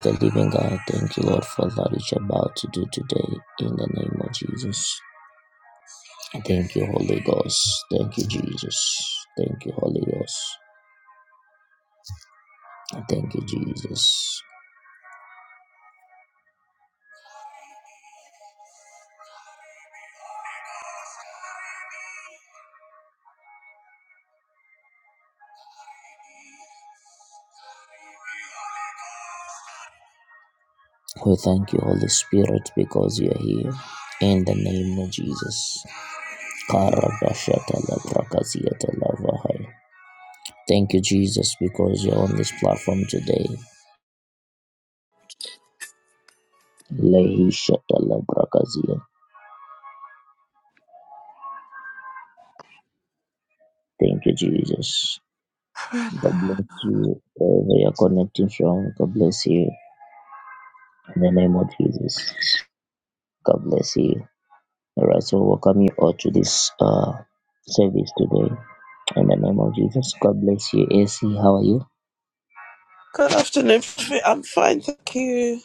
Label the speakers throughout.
Speaker 1: the living God. Thank you, Lord, for that which you're about to do today in the name of Jesus. Thank you, Holy Ghost. Thank you, Jesus. Thank you, Holy Ghost. Thank you, Jesus. We thank you, Holy Spirit, because you're here in the name of Jesus. Karabashatalabrakaziatalabahai. Thank you, Jesus, because you're on this platform today. Lehishatalabrakazia. Thank you, Jesus. God bless you wherever you're connecting from. God bless you in the name of Jesus. God bless you. All right, so welcome you all to this uh service today in the name of Jesus. God bless you, AC. How are you?
Speaker 2: Good afternoon. Prophet. I'm fine, thank you.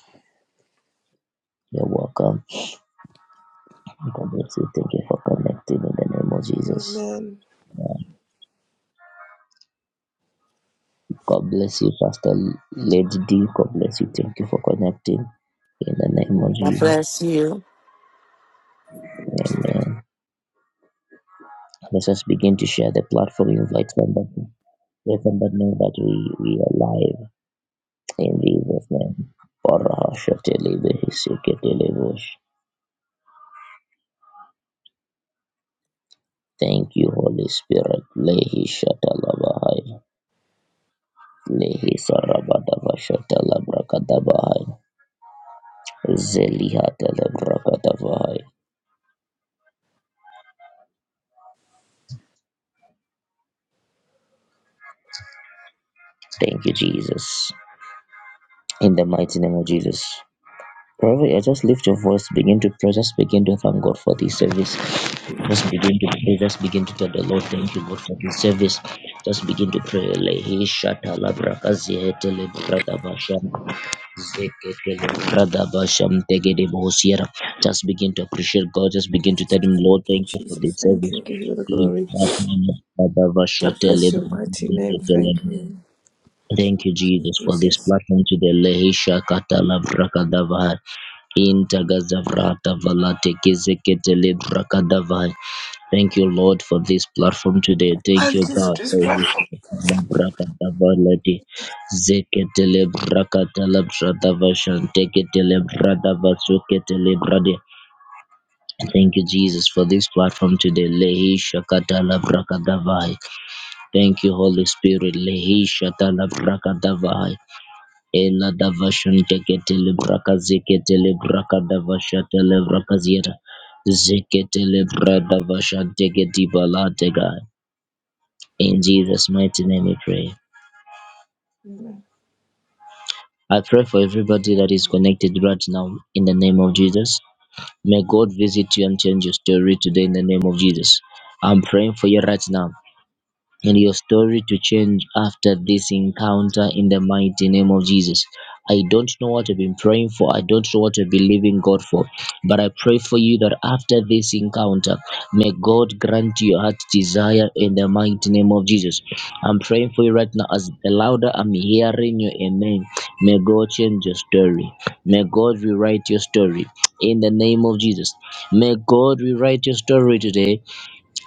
Speaker 1: You're welcome. God bless you. Thank you for connecting in the name of Jesus.
Speaker 2: Amen.
Speaker 1: Uh, God bless you, Pastor Lady D. God bless you. Thank you for connecting in the name of
Speaker 3: God
Speaker 1: Jesus.
Speaker 3: bless you.
Speaker 1: Amen. Let's just begin to share the platform. Invite somebody. Let them but know that we, we are alive in Jesus' name. Barahashatelebehiseketelebosh. Thank you, Holy Spirit. Lehi shatalabahai. Lehi sarabadavashatalabrakadabahai. Zelihatalabrakadabahai. Thank you, Jesus. In the mighty name of Jesus. Probably I just lift your voice, begin to pray, just begin to thank God for this service.
Speaker 2: Thank
Speaker 1: Just begin to pray, just begin to tell the Lord,
Speaker 2: you,
Speaker 1: thank you, God, for this service. Just begin to pray. Lehi shata la braka zihete le brada basham, zekete le brada basham, tegede bohosiera. Just begin to appreciate God, just begin to
Speaker 2: Jesus.
Speaker 1: tell Him,
Speaker 2: Thank
Speaker 1: Lord,
Speaker 2: you,
Speaker 1: thank you for
Speaker 2: Jesus.
Speaker 1: this
Speaker 2: Thank
Speaker 1: service.
Speaker 2: you. Give you all the
Speaker 1: He-
Speaker 2: glory.
Speaker 1: that man, brada
Speaker 2: I
Speaker 1: bashate le
Speaker 2: bless your
Speaker 1: brada
Speaker 2: mighty name.
Speaker 1: zekete le.
Speaker 2: Thank you,
Speaker 1: Thank you, Jesus, for this
Speaker 2: Jesus.
Speaker 1: platform today. Lehi shakata la braka davahar. Intagazavrata valate kizekete lebrakadavai. Thank you, Lord, for this platform today. Thank
Speaker 2: Thank
Speaker 1: you,
Speaker 2: you for
Speaker 1: God,
Speaker 2: this
Speaker 1: for which
Speaker 2: platform.
Speaker 1: labrakadavalate zekete lebrakadalabradavashan tekete lebradavasukete lebrade. Thank you, Jesus, for this platform today. Lehi shakata labrakadavai. Thank you, Holy Spirit. Lehi shata labrakadavai. Ela davashan teketele braka zeketele braka davashatele braka zeta zeketele bradavashan teketi balatega. In Jesus' mighty name we pray.
Speaker 2: Amen.
Speaker 1: I pray for everybody that is connected right now in the name of Jesus. May God visit you and change your story today in the name of Jesus. I'm praying for you right now and your story to change after this encounter in the mighty name of Jesus. I don't know what I've been praying for. I don't know what I believe in God for. But I pray for you that after this encounter, may God grant you your heart's desire in the mighty name of Jesus. I'm praying for you right now. As the louder I'm hearing your amen, may God change your story. May God rewrite your story in the name of Jesus. May God rewrite your story today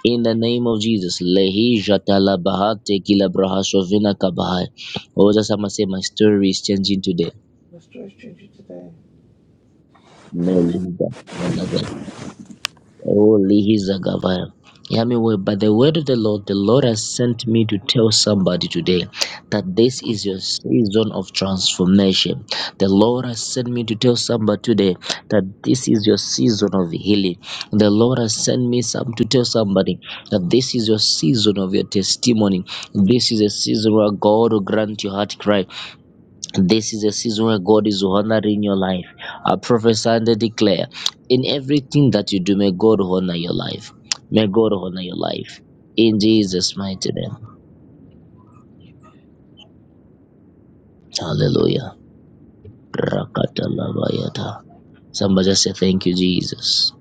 Speaker 1: in the name of Jesus. Lehi jatala bahate kila brahasho vina kabahai. Oh, that's how I say my story is changing today.
Speaker 2: Let's try to change it today.
Speaker 1: Melida, Melida. Oh, Lihizagavaya. Yahweh, by the word of the Lord, the Lord has sent me to tell somebody today that this is your season of transformation. The Lord has sent me to tell somebody today that this is your season of healing. The Lord has sent me some to tell somebody that this is your season of your testimony. This is a season where God will grant your heart cry. This is a season where God is honoring your life. I prophesy and I declare in everything that you do, may God honor your life. May God honor your life. In Jesus' mighty name. Hallelujah. Rakatalabayata. Somebody just say thank you, Jesus.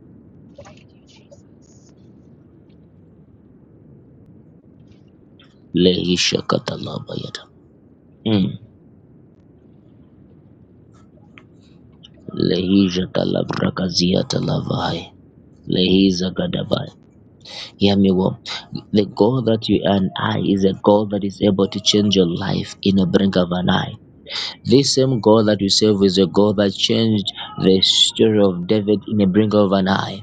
Speaker 1: Lehisha katalabayata. Mm. Lehisha talabrakazia talavai. Lehiza gadabai. Hear me well. The God that you and I is a God that is able to change your life in a blink of an eye. This same God that you serve is a God that changed the story of David in a blink of an eye.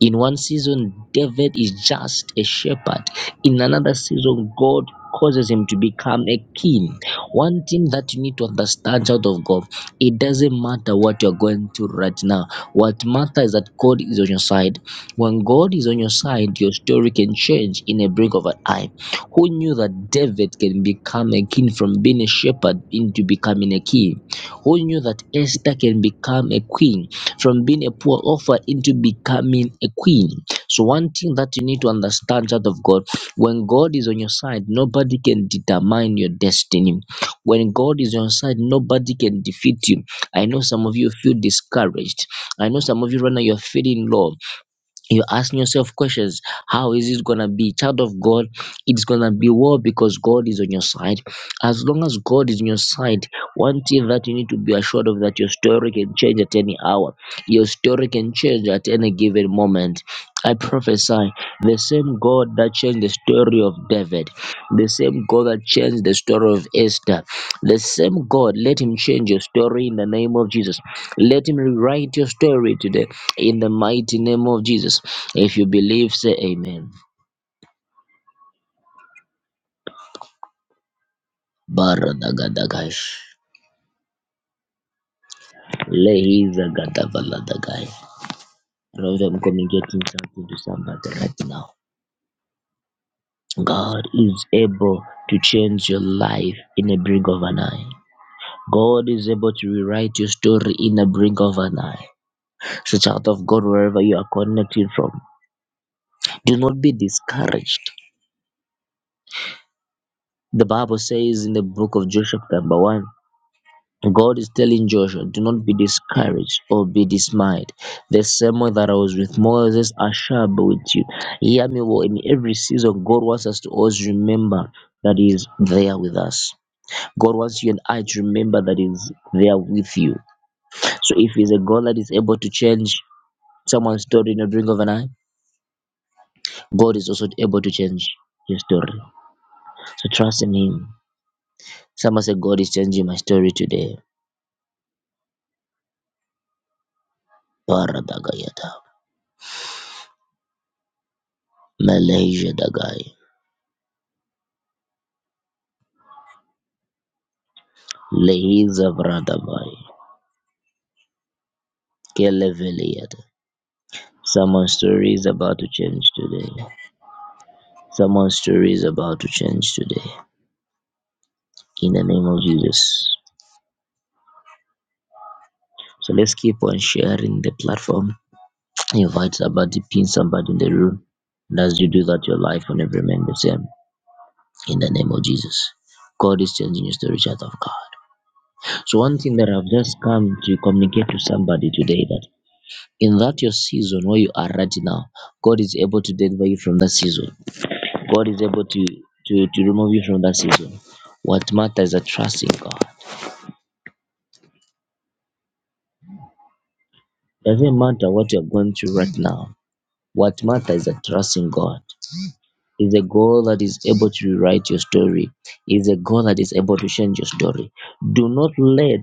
Speaker 1: In one season, David is just a shepherd. In another season, God causes him to become a king. One thing that you need to understand, child of God, it doesn't matter what you're going through right now. What matters is that God is on your side. When God is on your side, your story can change in a blink of an eye who knew that David can become a king from being a shepherd into becoming a king, who knew that Esther can become a queen from being a poor orphan into becoming a queen. So, one thing that you need to understand, child of God, when God is on your side, nobody can determine your destiny. When God is on your side, nobody can defeat you. I know some of you feel discouraged. I know some of you right now you're feeling low you're asking yourself questions how is it gonna be child of god it's gonna be war because god is on your side as long as god is on your side one thing that you need to be assured of that your story can change at any hour your story can change at any given moment i prophesy the same god that changed the story of david the same god that changed the story of esther the same god let him change your story in the name of jesus let him rewrite your story today in the mighty name of Jesus. If you believe, say amen. Baragadagash. Lehizagadavaladagaya. Lord, I'm communicating something to somebody right now. God is able to change your life in a brink of an eye. God is able to rewrite your story in a brink of an eye. So, child of God, wherever you are connecting from, do not be discouraged. The Bible says in the book of Joshua, number one. God is telling Joshua, do not be discouraged or be dismayed. The same way that I was with Moses, I shall be with you. Hear me well. In every season, God wants us to always remember that He is there with us. God wants you and I to remember that He is there with you. So if He's a God that is able to change someone's story in a drink of an eye, God is also able to change your story. So trust in Him. Someone said, God is changing my story today. Paradagayata. Malaysia Dagai. Lehiza Vradabai. Keleveliad. Someone's story is about to change today. Someone's story is about to change today. In the name of Jesus. So let's keep on sharing the platform. Invite somebody, pin somebody in the room. And as you do that, your life will never remain the same. In the name of Jesus. God is changing your story, child of God. So one thing that I've just come to communicate to somebody today that in that your season where you are right now, God is able to deliver you from that season. God is able to, to, to remove you from that season. What matters is a trust in God. Doesn't matter what you're going through right now. What matters is a trust in God. Is a God that is able to rewrite your story. Is a God that is able to change your story. Do not let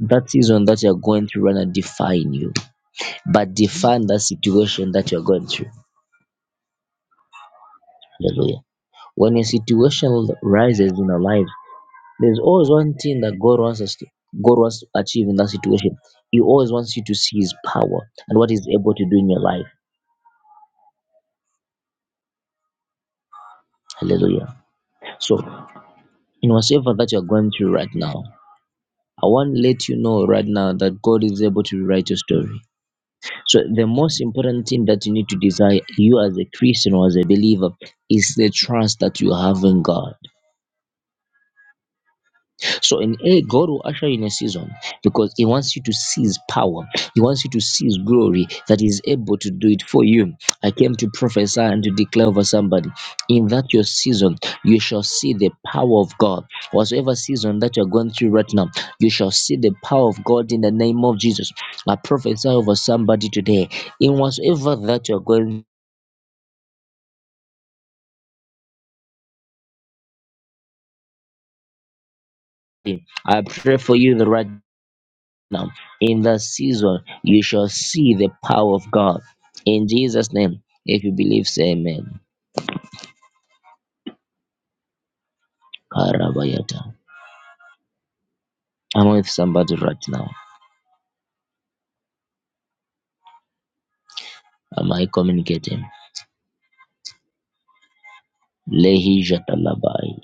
Speaker 1: that season that you're going through right now define you, but define that situation that you're going through. Hallelujah. When a situation rises in our lives, There's always one thing that God wants us to God wants to achieve in that situation. He always wants you to see his power and what he's able to do in your life. Hallelujah. So in whatever that you're going through right now, I want to let you know right now that God is able to rewrite your story. So the most important thing that you need to desire, you as a Christian or as a believer, is the trust that you have in God. So in A, God will usher you in a season because He wants you to seize power. He wants you to seize glory that is able to do it for you. I came to prophesy and to declare over somebody in that your season, you shall see the power of God. Whatsoever season that you're going through right now, you shall see the power of God in the name of Jesus. I prophesy over somebody today in whatsoever that you're going through. I pray for you the right Now, in that season, you shall see the power of God. In Jesus' name, if you believe, say amen. Karabayata. I'm with somebody right now. Am I communicating? Lehi Jatalabai.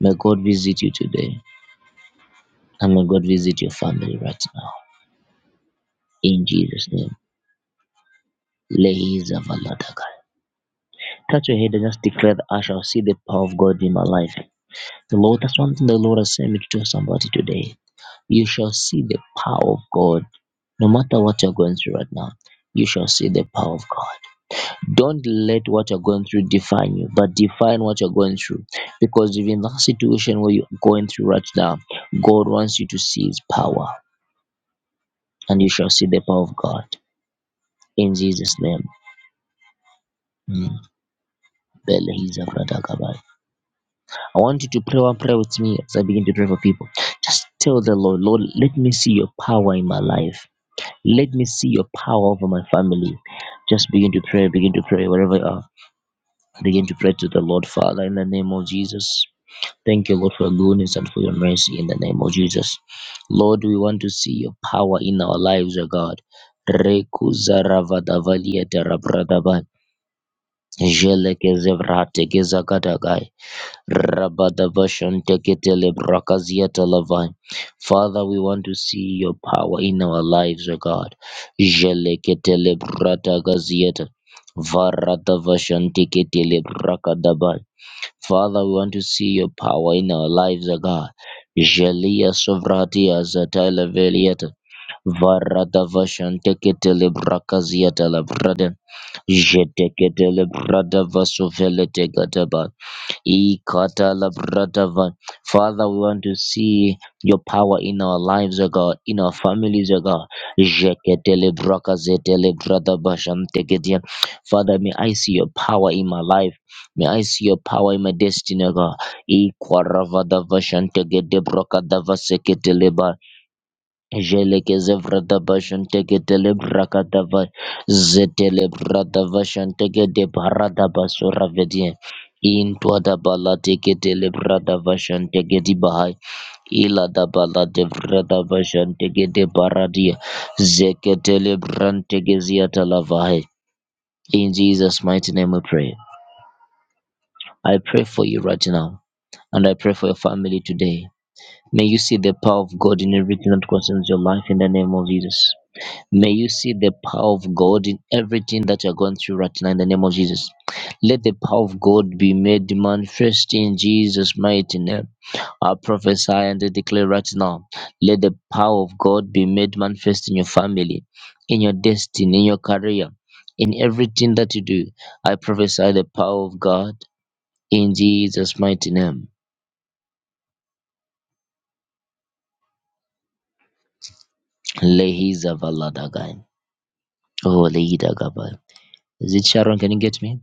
Speaker 1: May God visit you today. And may God visit your family right now. In Jesus' name. Lehi Zavaladakai. Touch your head and just declare that I shall see the power of God in my life. The Lord, that's one thing the Lord has sent me to tell somebody today. You shall see the power of God No matter what you're going through right now, you shall see the power of God. Don't let what you're going through define you, but define what you're going through. Because if in that situation where you're going through right now, God wants you to see his power, and you shall see the power of God. In Jesus' name. Mm. Bele hiza vrada gabai. I want you to pray one prayer with me as I begin to pray for people. Just tell the Lord, Lord, let me see your power in my life. Let me see your power over my family. Just begin to pray, begin to pray wherever you are. Begin to pray to the Lord, Father, in the name of Jesus. Thank you, Lord, for your goodness and for your mercy in the name of Jesus. Lord, we want to see your power in our lives, O God. Rekuza ravadavalia terabradaba. Jeleke zevrate gezagadagai. Rabadavashan teketele brakazia talavai. Father, we want to see your power in our lives, O God. Jeleketele bratagazieta. Varadavashan teketele brakadabai. Father, we want to see your power in our lives, O God. Jelia sovratia zatala velieta. Varada vashantekete lebrakaziata labrada. Jetekete lebrada vasovelete Ikatalavradava. Father, we want to see your power in our lives, O God, in our families, O God. Jeketelebrakazatelebradabashantekedia. Father, may I see your power in my life. May I see your power in my destiny, O God. Ikwaravadavashantegedebrakadavaseketeleba. Jelekeze vrada bashantegedele brakadava zetele brada vashantegede barada basura vedie intwada balateketele brada vashantegedi bahai ilada balade vrada vashantegede baradia zeketele brantegeziatalavahai in Jesus mighty name we pray I pray for you right now and I pray for your family today may you see the power of God in everything that concerns your life in the name of Jesus May you see the power of God in everything that you're going through right now in the name of Jesus. Let the power of God be made manifest in Jesus' mighty name. I prophesy and I declare right now. Let the power of God be made manifest in your family, in your destiny, in your career, in everything that you do. I prophesy the power of God in Jesus' mighty name. Lehiza valadagai. Oh, Lehida Gabai. Is it Sharon? Can you get me?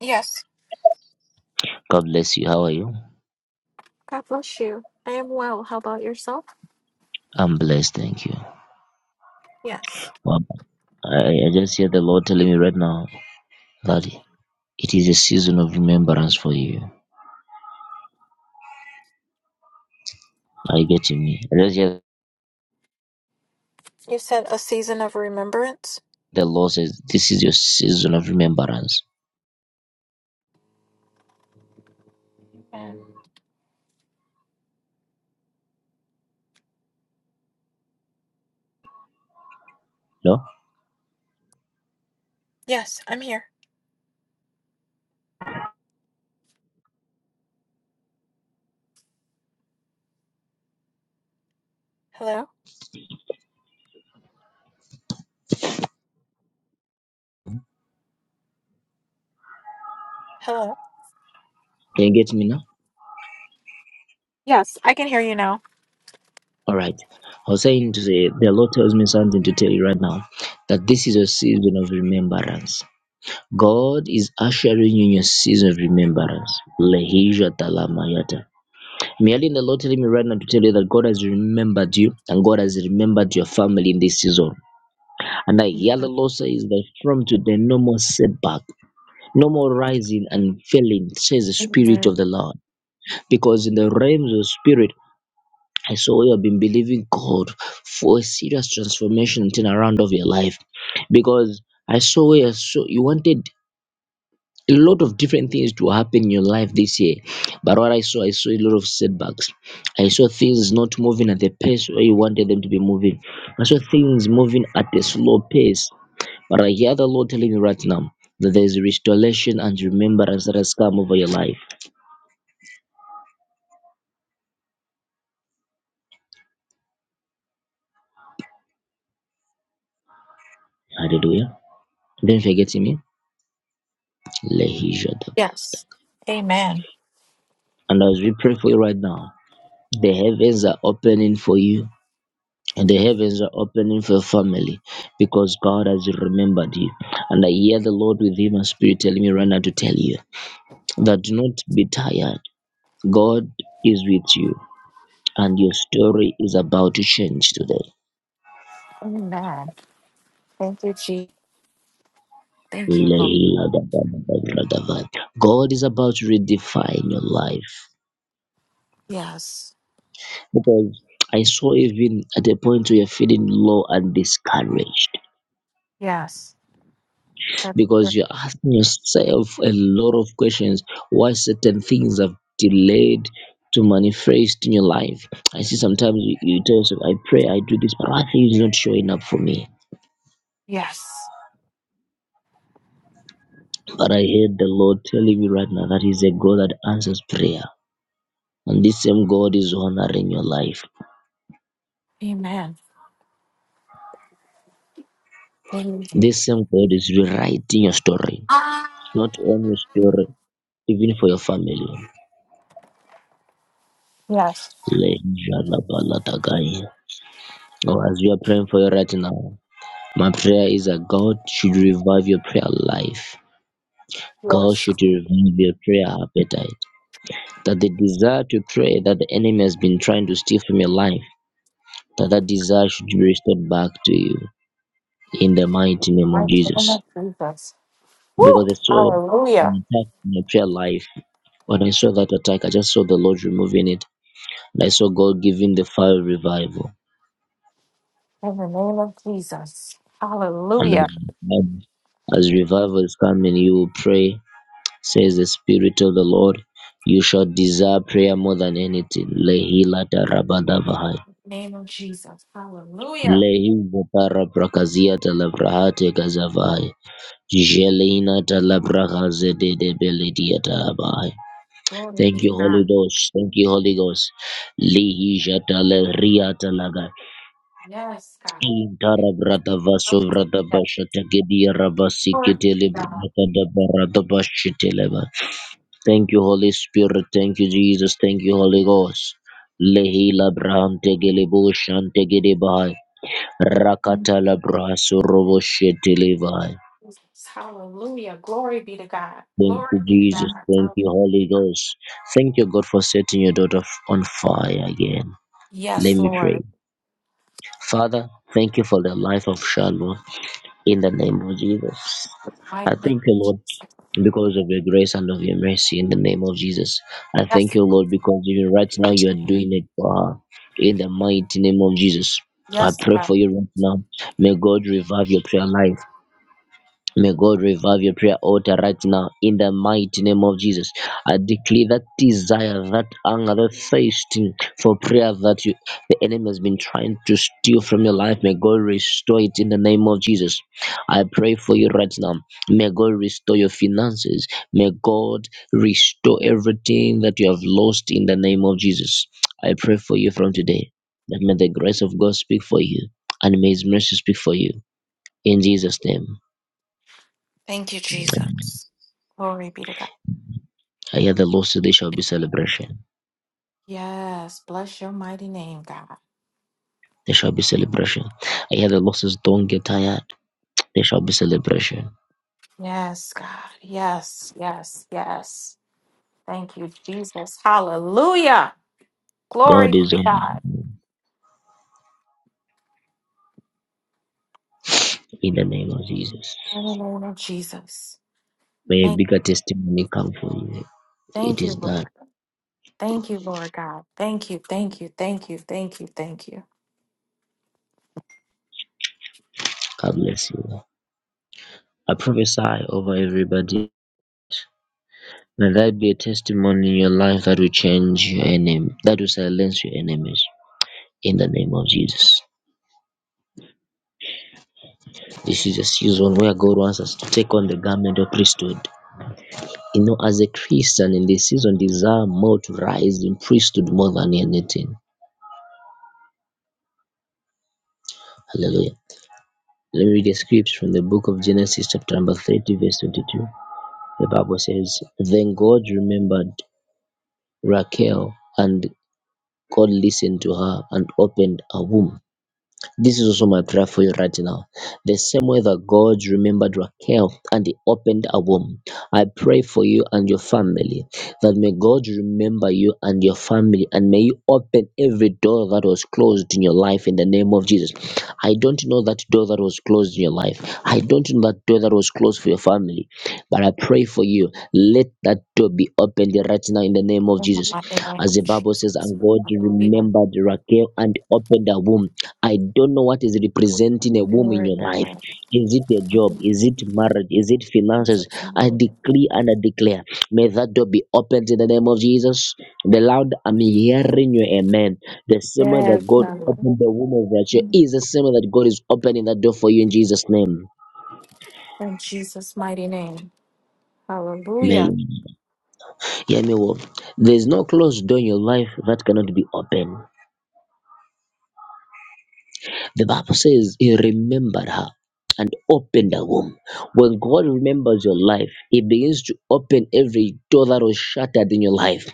Speaker 4: Yes.
Speaker 1: God bless you. How are you?
Speaker 4: God bless you. I am well. How about yourself?
Speaker 1: I'm blessed. Thank you.
Speaker 4: Yes.
Speaker 1: Well, I, I just hear the Lord telling me right now that it is a season of remembrance for you. Are you getting me? I just hear
Speaker 4: You said a season of remembrance?
Speaker 1: the Lord says this is your season of remembrance.
Speaker 4: And
Speaker 1: No?
Speaker 4: Yes, I'm here. Hello? Hello?
Speaker 1: Can you get me now?
Speaker 4: Yes, I can hear you now.
Speaker 1: Alright. I was saying to say the Lord tells me something to tell you right now. That this is a season of remembrance. God is ushering you in your season of remembrance. Lehisha talamayata. Merely the Lord telling me right now to tell you that God has remembered you and God has remembered your family in this season. And that yellow law says that from today, no more setback, no more rising and falling, says the Spirit
Speaker 4: Amen.
Speaker 1: of the Lord. Because in the realms of spirit, I saw you have been believing God for a serious transformation and turnaround of your life. Because I saw you, so you wanted a lot of different things to happen in your life this year. But what I saw, I saw a lot of setbacks. I saw things not moving at the pace where you wanted them to be moving. I saw things moving at a slow pace but I hear the Lord telling you right now that there is restoration and remembrance that has come over your life. Hallelujah. Don't forget me. Lehijadaba.
Speaker 4: Yes. Amen.
Speaker 1: And as we pray for you right now, the heavens are opening for you. And the heavens are opening for your family because God has remembered you. And I hear the Lord with Him and Spirit telling me right now to tell you that do not be tired. God is with you, and your story is about to change today.
Speaker 4: Amen. Thank you, G. Thank you, Lord.
Speaker 1: God is about to redefine your life
Speaker 4: Yes.
Speaker 1: because I saw even at a point where you're feeling low and discouraged
Speaker 4: Yes. That-
Speaker 1: because you're asking yourself a lot of questions why certain things have delayed to manifest in your life. I see sometimes you, you tell yourself, I pray, I do this, but I think it's not showing up for me.
Speaker 4: Yes.
Speaker 1: But I heard the Lord telling me right now that He's a God that answers prayer. And this same God is honoring your life.
Speaker 4: Amen. Amen.
Speaker 1: This same God is rewriting your story,
Speaker 4: Ah.
Speaker 1: not only your story, even for your family.
Speaker 4: Yes.
Speaker 1: Lejalabalatakaya. Oh, as we are praying for you right now, my prayer is that God should revive your prayer life. God
Speaker 4: Yes.
Speaker 1: should revive your prayer appetite. That the desire to pray that the enemy has been trying to steal from your life, that that desire should be restored back to you in the mighty name
Speaker 4: i
Speaker 1: of
Speaker 4: you so
Speaker 1: Jesus.
Speaker 4: much, Jesus. Woo!
Speaker 1: Because I saw
Speaker 4: Hallelujah.
Speaker 1: an attack in your prayer life. When I saw that attack, I just saw the Lord removing it And I saw God giving the fire of revival.
Speaker 4: In the name of Jesus.
Speaker 1: And as
Speaker 4: Hallelujah.
Speaker 1: as revival is coming, you will pray, says the Spirit of the Lord. You shall desire prayer more than anything. Lehila
Speaker 4: In
Speaker 1: tarabadavahai.
Speaker 4: the name of Jesus. Hallelujah.
Speaker 1: Lehiza tarabrakazia talabrahate gazavahai. Jeleina talabrahazedebeledia tahabahai.
Speaker 4: Glory be
Speaker 1: Thank
Speaker 4: to
Speaker 1: you, Holy
Speaker 4: God.
Speaker 1: Ghost. Thank you, Holy Ghost. Lihi jatale riatalaga.
Speaker 4: Yes, God.
Speaker 1: Thank you,
Speaker 4: Hallelujah. Glory be to God.
Speaker 1: Holy Spirit. Thank you, Jesus. Thank you, Holy Ghost. Lehi labraham tegelebo shante gedebahai. Rakata labrahasu robo shetelevai.
Speaker 4: Jesus. Hallelujah. Glory be to God.
Speaker 1: Thank
Speaker 4: Glory
Speaker 1: you,
Speaker 4: be to
Speaker 1: Jesus. Thank
Speaker 4: God.
Speaker 1: you, Holy Ghost. Thank you, God, for setting your daughter f- on fire again. Let
Speaker 4: Yes,
Speaker 1: me pray.
Speaker 4: Lord.
Speaker 1: Father, thank you for the life of Shalom in the name of Jesus.
Speaker 4: My
Speaker 1: I
Speaker 4: name
Speaker 1: thank
Speaker 4: of
Speaker 1: you, Lord
Speaker 4: Jesus.
Speaker 1: because of your grace and of your mercy in the name of Jesus. I thank
Speaker 4: Yes.
Speaker 1: you, Lord, because even right now
Speaker 4: Lord.
Speaker 1: you are doing it for her in the mighty name of Jesus. I
Speaker 4: Yes,
Speaker 1: pray
Speaker 4: God.
Speaker 1: for you right now. May God revive your prayer life. May God revive your prayer altar right now in the mighty name of Jesus. I declare that desire, that anger, that thirsting for prayer that you, the enemy has been trying to steal from your life. May God restore it in the name of Jesus. I pray for you right now. May God restore your finances. May God restore everything that you have lost in the name of Jesus. I pray for you from today that may the grace of God speak for you and may His mercy speak for you in Jesus' name.
Speaker 4: Thank you, Jesus. Glory be to God.
Speaker 1: I hear the losses, there shall be celebration.
Speaker 4: Yes. Bless your mighty name, God.
Speaker 1: There shall be celebration. I hear the losses, don't get tired. There shall be celebration.
Speaker 4: Yes, God. Yes, yes, yes. Thank you, Jesus. Hallelujah. Glory
Speaker 1: God is
Speaker 4: to
Speaker 1: on
Speaker 4: God.
Speaker 1: in the name of Jesus.
Speaker 4: In the name of Jesus.
Speaker 1: May a
Speaker 4: Thank,
Speaker 1: bigger testimony come for you. It
Speaker 4: thank you,
Speaker 1: is done.
Speaker 4: Lord. Thank you, Lord God. Thank you, thank you, thank you, thank you, thank you.
Speaker 1: God bless you. I prophesy over everybody. May that be a testimony in your life that will change your enemy, that will silence your enemies in the name of Jesus. This is a season where God wants us to take on the garment of priesthood. you know, as a Christian in this season, desire more to rise in priesthood more than anything. Hallelujah. Let me read a scripture from the book of Genesis, chapter number 30, verse 22. The Bible says, Then God remembered Rachel, and God listened to her and opened her womb. This is also my prayer for you right now. The same way that God remembered Raquel and He opened a womb, I pray for you and your family that may God remember you and your family and may you open every door that was closed in your life in the name of Jesus. I don't know that door that was closed in your life, I don't know that door that was closed for your family, but I pray for you. Let that door be opened right now in the name of
Speaker 4: In the
Speaker 1: Jesus.
Speaker 4: mighty name of
Speaker 1: As the Bible
Speaker 4: Jesus.
Speaker 1: says, and God
Speaker 4: Hallelujah.
Speaker 1: remembered Raquel and opened her womb. I don't know what is representing a womb in
Speaker 4: Glory
Speaker 1: your
Speaker 4: to
Speaker 1: life.
Speaker 4: God.
Speaker 1: Is it a job? Is it marriage? Is it finances?
Speaker 4: Jesus.
Speaker 1: I
Speaker 4: mighty name.
Speaker 1: decree and I declare. May that door be opened in the name of Jesus. The loud I'm hearing you. amen. The same way
Speaker 4: Yes,
Speaker 1: that God
Speaker 4: God.
Speaker 1: opened the womb of Rachel is the same way that God is opening that door for you in Jesus' name.
Speaker 4: In Jesus' mighty name. Hallelujah.
Speaker 1: Amen. Hear me well. There is no closed door in your life that cannot be opened. The Bible says he remembered her and opened her womb. When God remembers your life, he begins to open every door that was shattered in your life.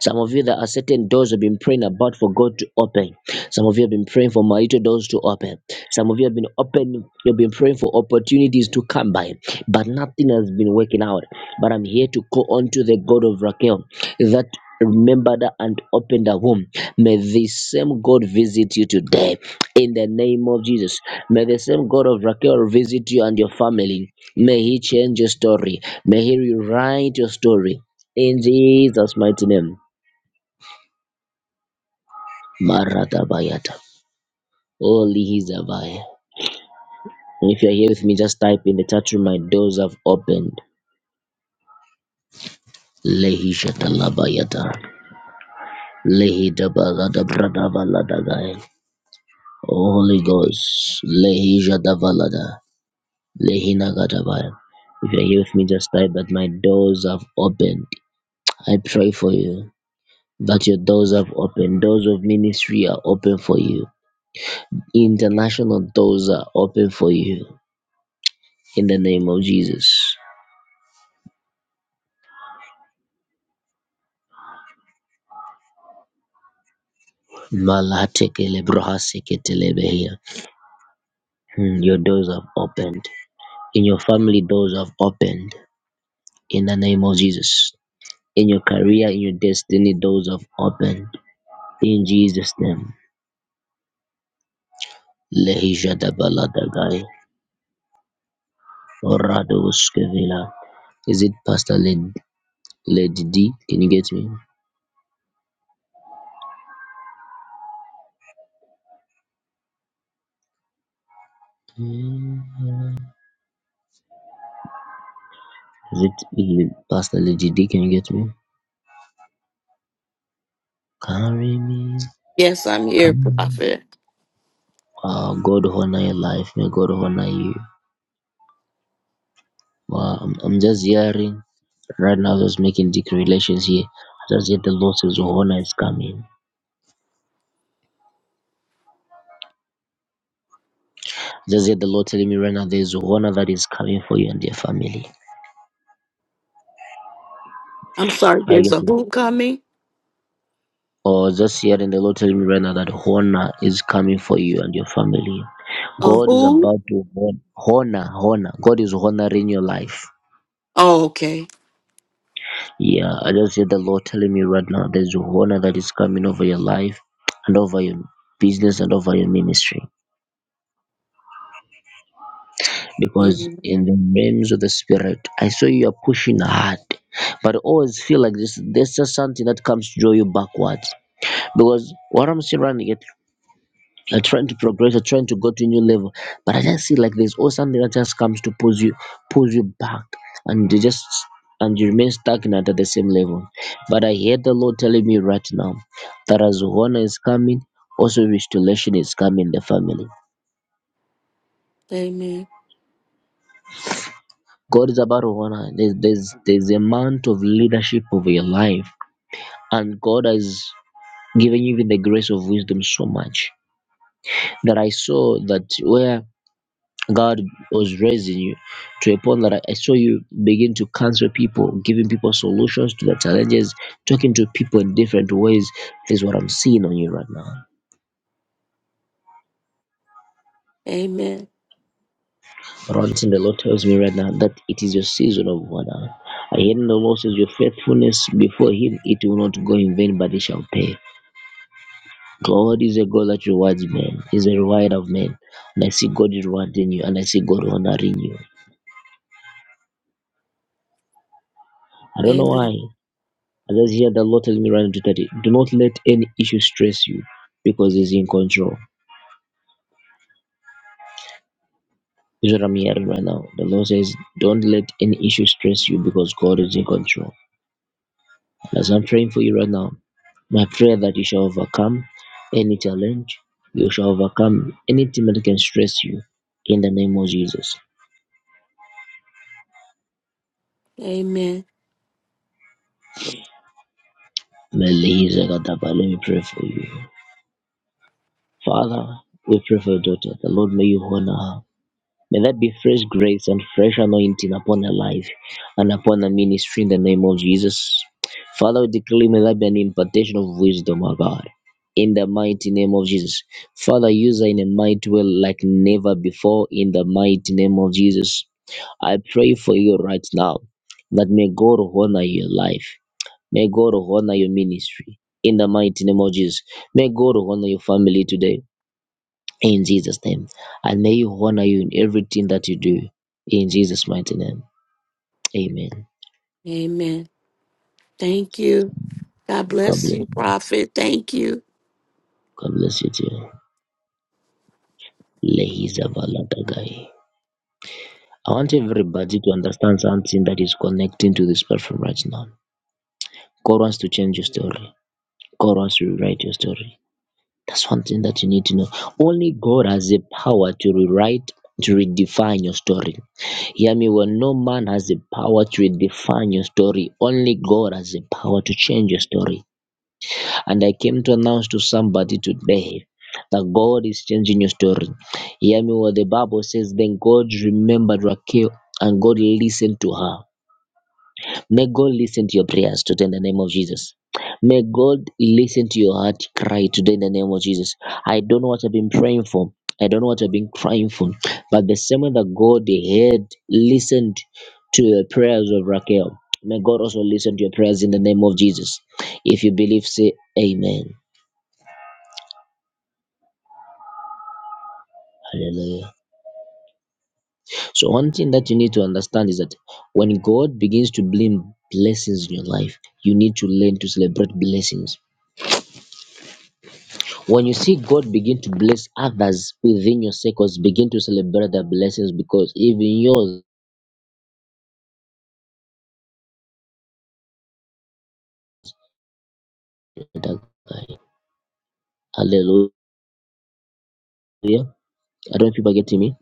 Speaker 1: Some of you, there are certain doors you've been praying about for God to open. Some of you have been praying for marital doors to open. Some of you have been open, you've been praying for opportunities to come by, but nothing has been working out. But I'm here to call on to the God of Raquel that remembered her and opened her womb. May the same God visit you today in the name of Jesus. May the same God of Raquel visit you and your family. May He change your story. May He rewrite your story. In Jesus' mighty name. Marata Bayata. Holy Hizabaya. And if you're here with me, just type in the chat room, my doors have opened. Lehi Shatalabayata. Lehi Dabalada Bradabaladagaya. Holy Ghost. Lehi Jadavalada. Lehi Nagadabaya. If you're here with me, just type that my doors have opened. I pray for you that your doors are open. Doors of ministry are open for you. International doors are open for you. In the name of Jesus. Malatekelebrohaseketelebehia. Hmm, Your doors have opened. In your family, doors have opened. In the name of Jesus. In your career, in your destiny, doors have opened. In Jesus' name. Lehijadabaladagai. Oradowskevila. Is it Pastor Lady, Lady D? Can you get me? Mm. Is it Lil- Pastor Lady D? Can you get me? Carry me.
Speaker 3: Yes, I'm here,
Speaker 1: Come.
Speaker 3: Prophet.
Speaker 1: Uh, God honor your life. May God honor you. Wow, I'm, I'm just hearing right now, just making declarations here. Just yet the Lord says honor is coming. Just yet the Lord telling me right now there's honor that is coming for you and your family.
Speaker 3: I'm sorry,
Speaker 1: I
Speaker 3: there's
Speaker 1: get
Speaker 3: a
Speaker 1: it.
Speaker 3: who coming?
Speaker 1: Or just hearing the Lord telling me right now that honor is coming for you and your family.
Speaker 3: A
Speaker 1: God is
Speaker 3: who?
Speaker 1: about to hon- honor, honor. God is honoring your life.
Speaker 3: Oh, okay.
Speaker 1: Yeah, I just hear the Lord telling me right now there's a honor that is coming over your life and over your business and over your ministry. Because
Speaker 3: Amen.
Speaker 1: in the realms of the spirit, I saw you are pushing hard. But I always feel like this there's just something that comes to draw you backwards. Because what I'm seeing right now You're trying to progress, you're trying to go to a new level. But I just see like there's always something that just comes to pulls you pulls you back and you just and you remain stagnant at the same level. But I hear the Lord telling me right now that as honor is coming, also restoration is coming in the family.
Speaker 3: Amen.
Speaker 1: God is about honor. There's there's there's amount of leadership over your life. And God has given you the grace of wisdom so much that I saw that where God was raising you to a point that I I saw you begin to counsel people, giving people solutions to their challenges, talking to people in different ways. This is what I'm seeing on you right now.
Speaker 3: Amen.
Speaker 1: But one thing the Lord tells me right now that it is your season of water. I hear the Lord says your faithfulness before Him, it will not go in vain, but it shall pay. God is a God that rewards men. He's a rewarder of men. And I see God rewarding you, and I see God honoring you. I don't know
Speaker 3: Amen.
Speaker 1: why. I just hear the Lord tells me right now to tell do not let any issue stress you because He's in control. This is what I'm hearing right now. The Lord says, don't let any issue stress you because God is in control. As I'm praying for you right now, my prayer that you shall overcome any challenge, you shall overcome anything that can stress you in the name of Jesus.
Speaker 3: Amen.
Speaker 1: Melissa Gadaba, Let me pray for you. Father, we pray for your daughter. The Lord may you honor her. May that be fresh grace and fresh anointing upon her life and upon her ministry in the name of Jesus. Father, we declare may that be an impartation of wisdom, O God, in the mighty name of Jesus. Father, use her in a mighty way like never before in the mighty name of Jesus. I pray for you right now that may God honor your life. May God honor your ministry in the mighty name of Jesus. May God honor your family today in Jesus' name. And may He honor you in everything that you do. In Jesus' mighty name. Amen.
Speaker 3: Amen. Thank you. God
Speaker 1: God
Speaker 3: bless
Speaker 1: bless
Speaker 3: you,
Speaker 1: you.
Speaker 3: Prophet. Thank you.
Speaker 1: God bless you too. Lehiza valadagai. I want everybody to understand something that is connecting to this platform right now. God wants to change your story. God wants to rewrite your story. That's one thing that you need to know. Only God has the power to rewrite, to redefine your story. Hear me well, no man has the power to redefine your story. Only God has the power to change your story. And I came to announce to somebody today that God is changing your story. Hear me what the Bible says. Then God remembered Raquel and God listened to her. May God listen to your prayers today in the name of Jesus. May God listen to your heart cry today in the name of Jesus. I don't know what I've been praying for. I don't know what I've been crying for. But the same way that God heard, listened to the prayers of Raquel, may God also listen to your prayers in the name of Jesus. If you believe, say Amen. Hallelujah. So one thing that you need to understand is that when God begins to bring blessings in your life, you need to learn to celebrate blessings. When you see God begin to bless others within your circles, begin to celebrate the blessings because even yours. Hallelujah. I don't know if people are getting me.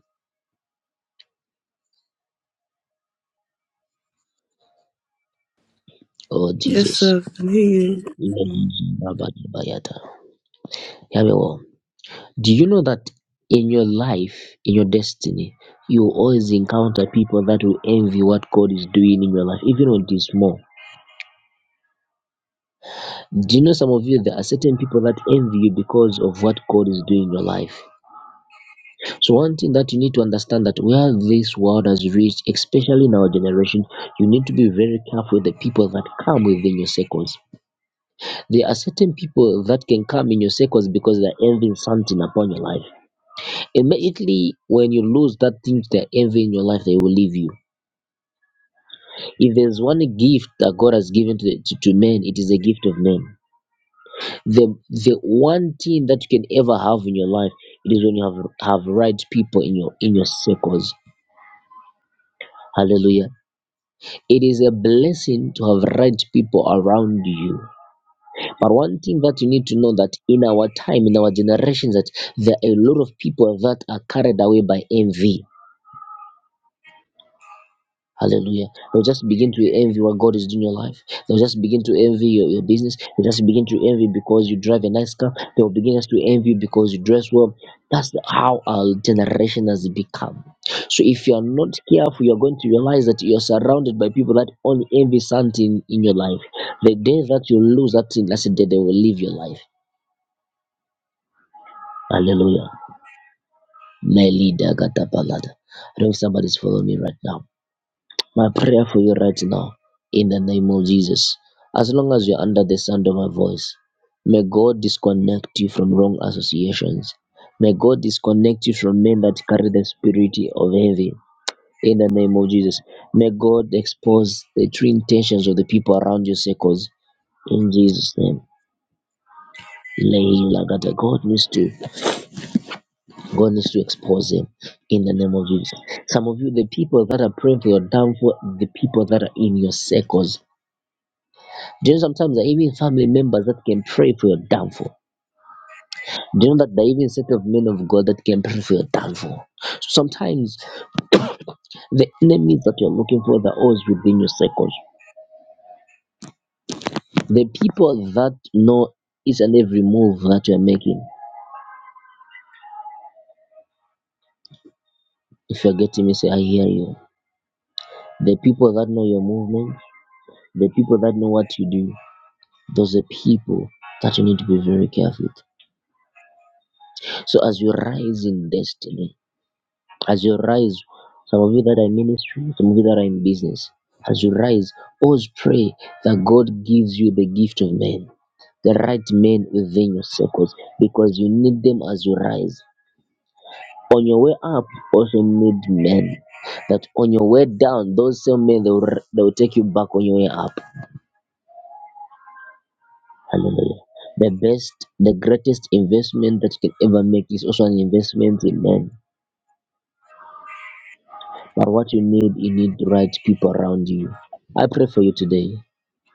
Speaker 1: Oh
Speaker 2: Yes,
Speaker 1: Jesus.
Speaker 2: sir. I can hear you. Mm.
Speaker 1: Yeah, yeah, yeah. Do you know that in your life, in your destiny, you will always encounter people that will envy what God is doing in your life, even on this small. Do you know some of you there are certain people that envy you because of what God is doing in your life? So one thing that you need to understand that where this world has reached, especially in our generation, you need to be very careful with the people that come within your circles. There are certain people that can come in your circles because they're envying something upon your life. Immediately when you lose that thing that envy in your life, they will leave you. If there's one gift that God has given to, the, to, to man, it is a gift of men. The the one thing that you can ever have in your life, it is when you have have right people in your in your circles. Hallelujah. It is a blessing to have right people around you. But one thing that you need to know that in our time, in our generation, that there are a lot of people that are carried away by envy Hallelujah. They'll just begin to envy what God is doing in your life. They'll just begin to envy your, your business. They'll just begin to envy because you drive a nice car. They'll begin just to envy you because you dress well. That's the- how our generation has become. So if you are not careful, you're going to realize that you're surrounded by people that only envy something in your life. The day that you lose that thing, that's the day they will leave your life. Hallelujah. My leader, Gata Balada. I don't know if somebody's following me right now. My prayer for you right now, in the name of Jesus, as long as you're under the sound of my voice, may God disconnect you from wrong associations. May God disconnect you from men that carry the spirit of heavy. In the name of Jesus, may God expose the true intentions of the people around your circles. In Jesus' name. Leila Gada. God needs to God needs to expose him in the name of Jesus. Some of you, the people that are praying for your downfall, the people that are in your circles. Do you know sometimes there are even family members that can pray for your downfall? Do you know that there are even set of men of God that can pray for your downfall? Sometimes the enemies that you're looking for are always within your circles. The people that know each and every move that you're making. If you're getting me, say, I hear you. The people that know your movement, the people that know what you do, those are people that you need to be very careful with. So as you rise in destiny, As you rise, some of you that are in ministry, some of you that are in business, as you rise, always pray that God gives you the gift of men, the right men within your circles, because you need them as you rise. On your way up, also need men. That on your way down, those same men they will, they will take you back on your way up. Hallelujah. The best, the greatest investment that you can ever make is also an investment in men. But what you need, you need the right people around you. I pray for you today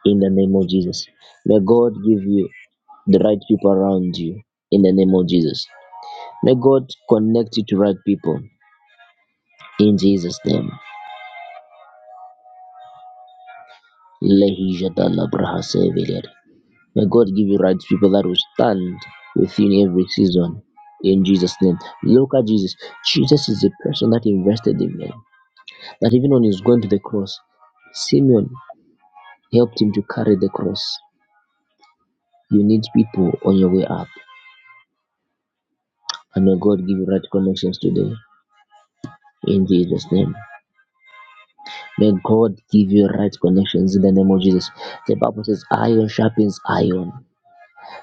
Speaker 1: in the name of Jesus. May God give you the right people around you in the name of Jesus. May God connect you to right people in Jesus' name. Lehijadalabrahasevelir. May God give you right people that will stand within every season in Jesus' name. Look at Jesus. Jesus is the person that invested in men. That even when he's going to the cross, Simeon helped him to carry the cross. You need people on your way up. And may God give you right connections today. in Jesus' name. May God give you right connections in the name of Jesus. The Bible says, iron sharpens iron.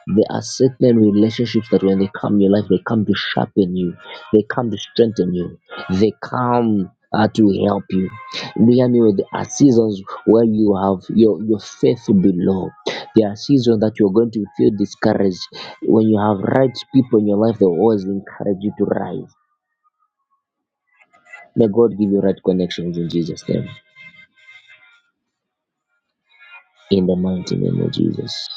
Speaker 1: There are certain relationships that when they come in your life, they come to sharpen you, they come to strengthen you, they come uh, to help you. Do you hear me? There are seasons where you have your, your faith will be low. There are seasons that you're going to feel discouraged. When you have right people in your life, they will always encourage you to rise. May God give you right connections in Jesus' name. in the mighty name of Jesus.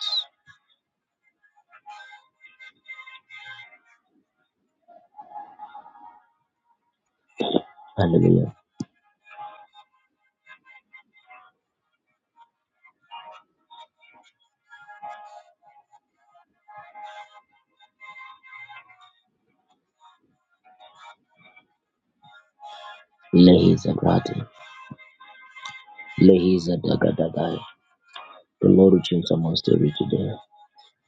Speaker 1: Hallelujah. Lehiza Grati. Lehiza Dagadagai. The Lord will change someone's story today.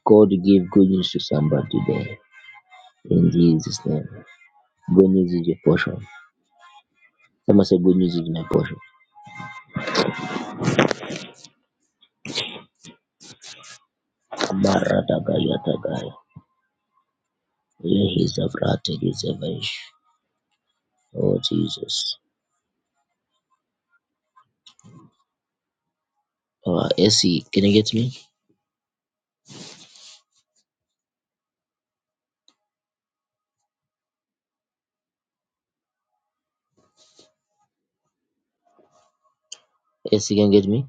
Speaker 1: God will give good news to somebody today. In Jesus' name. Good news is your portion. Someone say good news is my portion. Mara Dagaya Dagaya. Lehiza Grati Lizavaish. Oh Jesus. Alright, Essie, can you get me? Essie, can you get me?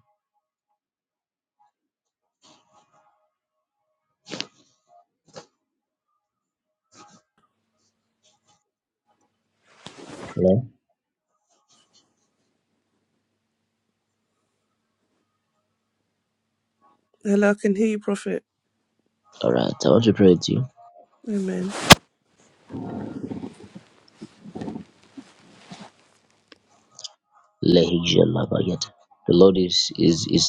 Speaker 1: Hello?
Speaker 2: Hello, I can hear you, Prophet.
Speaker 1: Alright, I want to pray with you.
Speaker 2: Amen.
Speaker 1: The Lord is is is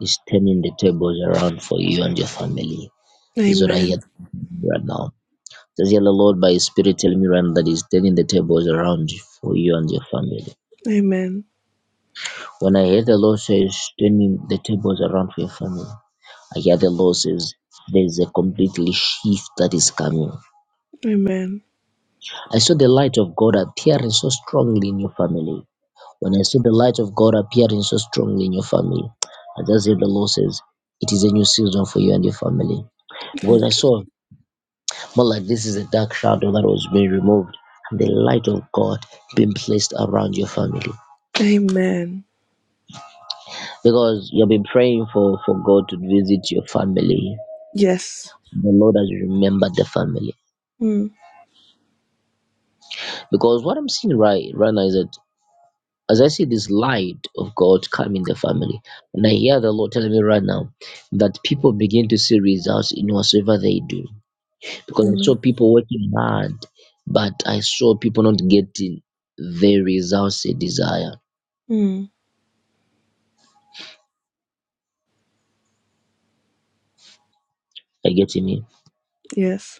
Speaker 1: is turning the tables around for you and your family. This is what I hear
Speaker 2: Amen.
Speaker 1: right now. Just hear the Lord by His Spirit telling me right now that He's turning the tables around for you and your family.
Speaker 2: Amen.
Speaker 1: When I hear the Lord says turning the tables around for your family, I hear the Lord says there's a completely shift that is coming.
Speaker 2: Amen.
Speaker 1: I saw the light of God appearing so strongly in your family. When I see the light of God appearing so strongly in your family, I just hear the Lord says, It is a new season for you and your family. Because I
Speaker 2: Thank you.
Speaker 1: saw more like this is a dark shadow that was being removed, and the light of God being placed around your family.
Speaker 2: Amen.
Speaker 1: Because you've been praying for, for God to visit your family.
Speaker 2: Yes.
Speaker 1: The Lord has remembered the family.
Speaker 2: Mm.
Speaker 1: Because what I'm seeing right right now is that as I see this light of God come in the family, and I hear the Lord telling me right now that people begin to see results in whatsoever they do. Because I saw
Speaker 2: Mm.
Speaker 1: people working hard, but I saw people not getting the results they desire.
Speaker 2: Mm.
Speaker 1: Are you getting me?
Speaker 2: Yes.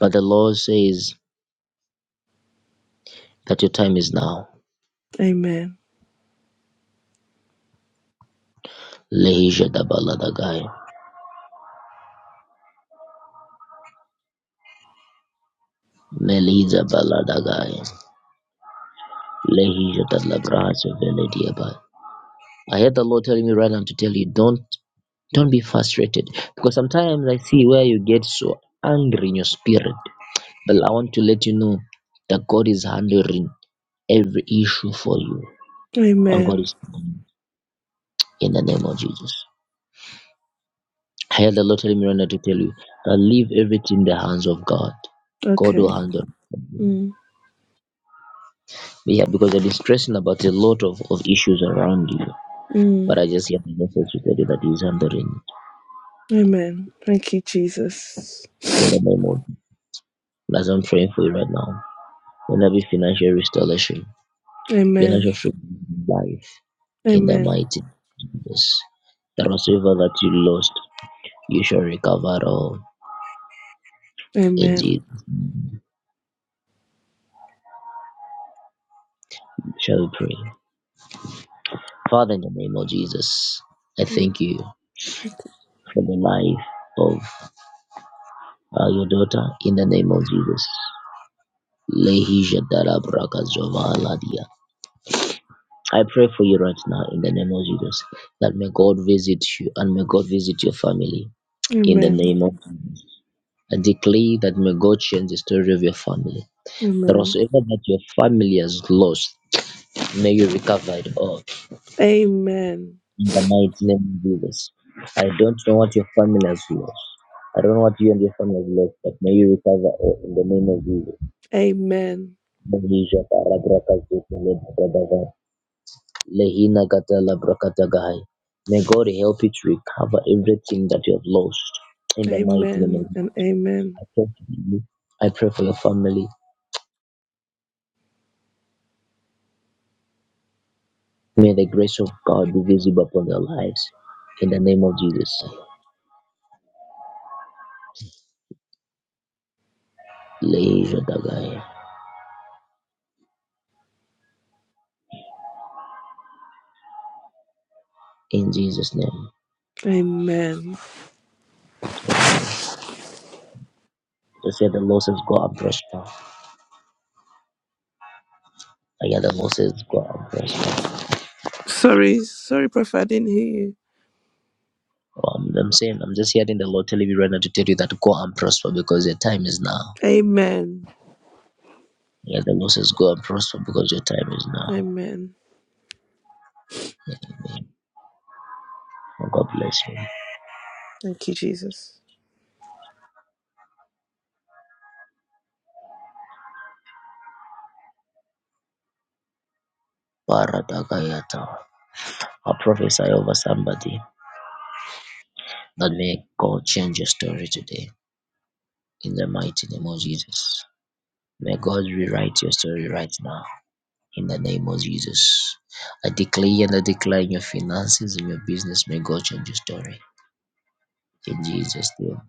Speaker 1: But the Lord says that your time is now.
Speaker 2: Amen.
Speaker 1: Lehisha da baladagai. Meliza baladagai. Lehisha da labrasa velediabai. I heard the Lord telling me right now to tell you, don't Don't be frustrated because sometimes I see where you get so angry in your spirit. But I want to let you know that God is handling every issue for you, and God
Speaker 2: Amen.
Speaker 1: is in the name of Jesus. I heard the Lord telling me right now to tell you that leave everything in the hands of God. God
Speaker 2: Okay.
Speaker 1: will handle.
Speaker 2: Mm,
Speaker 1: Yeah, because I've been stressing about a lot of, of issues around you. But
Speaker 2: mm.
Speaker 1: I just hear the message to tell you that He's handling it
Speaker 2: Amen. Thank you, Jesus.
Speaker 1: in the name of. Jesus. As I'm praying for you right now, let there be financial restoration Financial
Speaker 2: Amen.
Speaker 1: freedom in life in the
Speaker 2: Amen.
Speaker 1: mighty name of Jesus. The receiver that you lost, you shall recover all.
Speaker 2: Amen.
Speaker 1: Indeed, shall we pray. Father, in the name of Jesus, I
Speaker 2: Mm.
Speaker 1: thank you for the life of uh, your daughter. In the name of Jesus. Lehisha Darabaka Jova Ladia. I pray for you right now in the name of Jesus that may God visit you and may God visit your family in the
Speaker 2: Amen.
Speaker 1: name of I declare that may God change the story of your family That
Speaker 2: Amen.
Speaker 1: whatsoever that your family has lost, may you recover it all
Speaker 2: Amen.
Speaker 1: in the mighty name of Jesus. I don't know what your family has lost. I don't know what you and your family have lost, but may you recover all in the name of Jesus.
Speaker 2: Amen.
Speaker 1: May Jehovah Rabraka Zeke Lebradava, Lehina kata labra kata Gahai. May God help you to recover everything that you have lost in the mighty name of
Speaker 2: Amen. And
Speaker 1: Jesus.
Speaker 2: amen.
Speaker 1: I pray for you. I pray for your family. May the grace of God be visible upon their lives in the name of Jesus. Leisure Dagaya. In Jesus' name.
Speaker 2: Amen.
Speaker 1: Amen. Just hear the Lord says, Go abreast now. I hear the Lord says, Go abreast now.
Speaker 2: Sorry, sorry, Prophet, I didn't hear you.
Speaker 1: Um, I'm saying, I'm just hearing the Lord telling me right now to tell you that go and prosper because your time is now.
Speaker 2: Amen.
Speaker 1: Yeah, the Lord says, Go and prosper because your time is now.
Speaker 2: Amen.
Speaker 1: And God bless you.
Speaker 2: Thank you, Jesus.
Speaker 1: Paradagayata. I prophesy over somebody that may God change your story today in the mighty name of Jesus. May God rewrite your story right now. in the name of Jesus. I declare and I declare in your finances, in your business, may God change your story. In Jesus' name.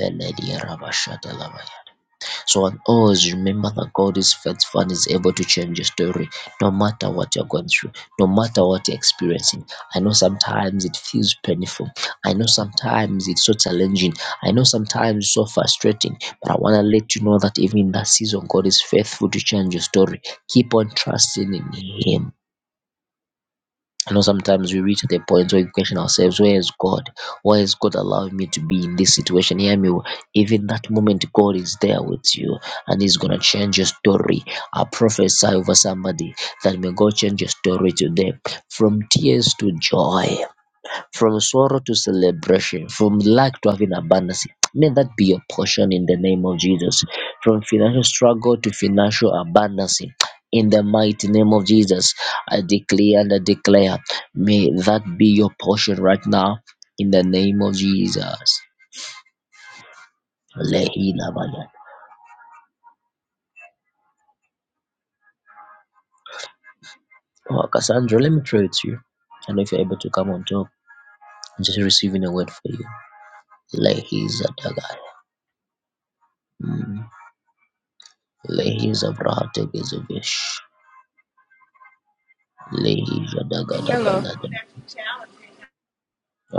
Speaker 1: Beledia rabashadalabaya. So on always remember that God is faithful and is able to change your story, no matter what you're going through, no matter what you're experiencing. I know sometimes it feels painful. I know sometimes it's so challenging. I know sometimes it's so frustrating. But I want to let you know that even in that season, God is faithful to change your story. Keep on trusting in Him I know sometimes we reach the point where we question ourselves, where is God? Why is God allowing me to be in this situation? Hear me. well. Even that moment, God is there with you and He's going to change your story. I prophesy over somebody that may God change your story today from tears to joy from sorrow to celebration, from lack to having abundance. May that be your portion in the name of Jesus. From financial struggle to financial abundance. In the mighty name of Jesus, I declare and I declare, may that be your portion right now in the name of Jesus. Lehina Bada. Oh, Cassandra, let me pray with you. And if you're able to come on top, I'm just receiving a word for you. Lehiza Dagai. Mm. Lehiza Brahategezevish. All
Speaker 5: hello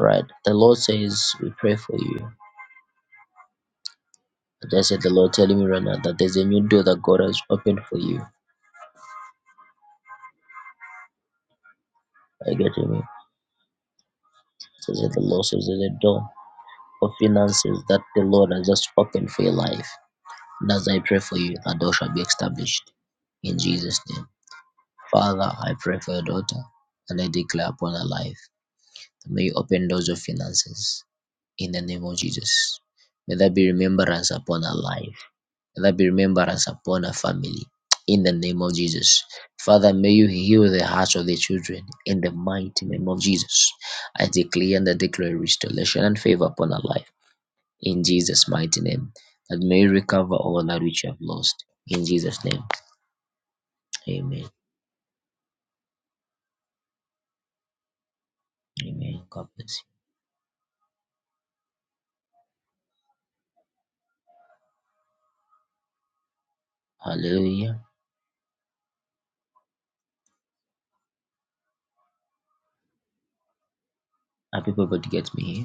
Speaker 1: right. The Lord says, We pray for you. I just said the Lord telling me right now that there's a new door that God has opened for you. Are you getting me? So that the Lord says there's a door of finances that the Lord has just opened for your life. And as I pray for you, that door shall be established in Jesus' name. Father, I pray for your daughter and I declare upon her life. that May you open doors of finances in the name of Jesus. May that be remembrance upon her life and that be remembrance upon our family. In the name of Jesus. Father, may you heal the hearts of the children in the mighty name of Jesus. I declare and I declare restoration and favor upon our life in Jesus' mighty name. That may you recover all that which you have lost in Jesus' name. Amen. Amen. God bless you. Hallelujah. Are people able to get me here?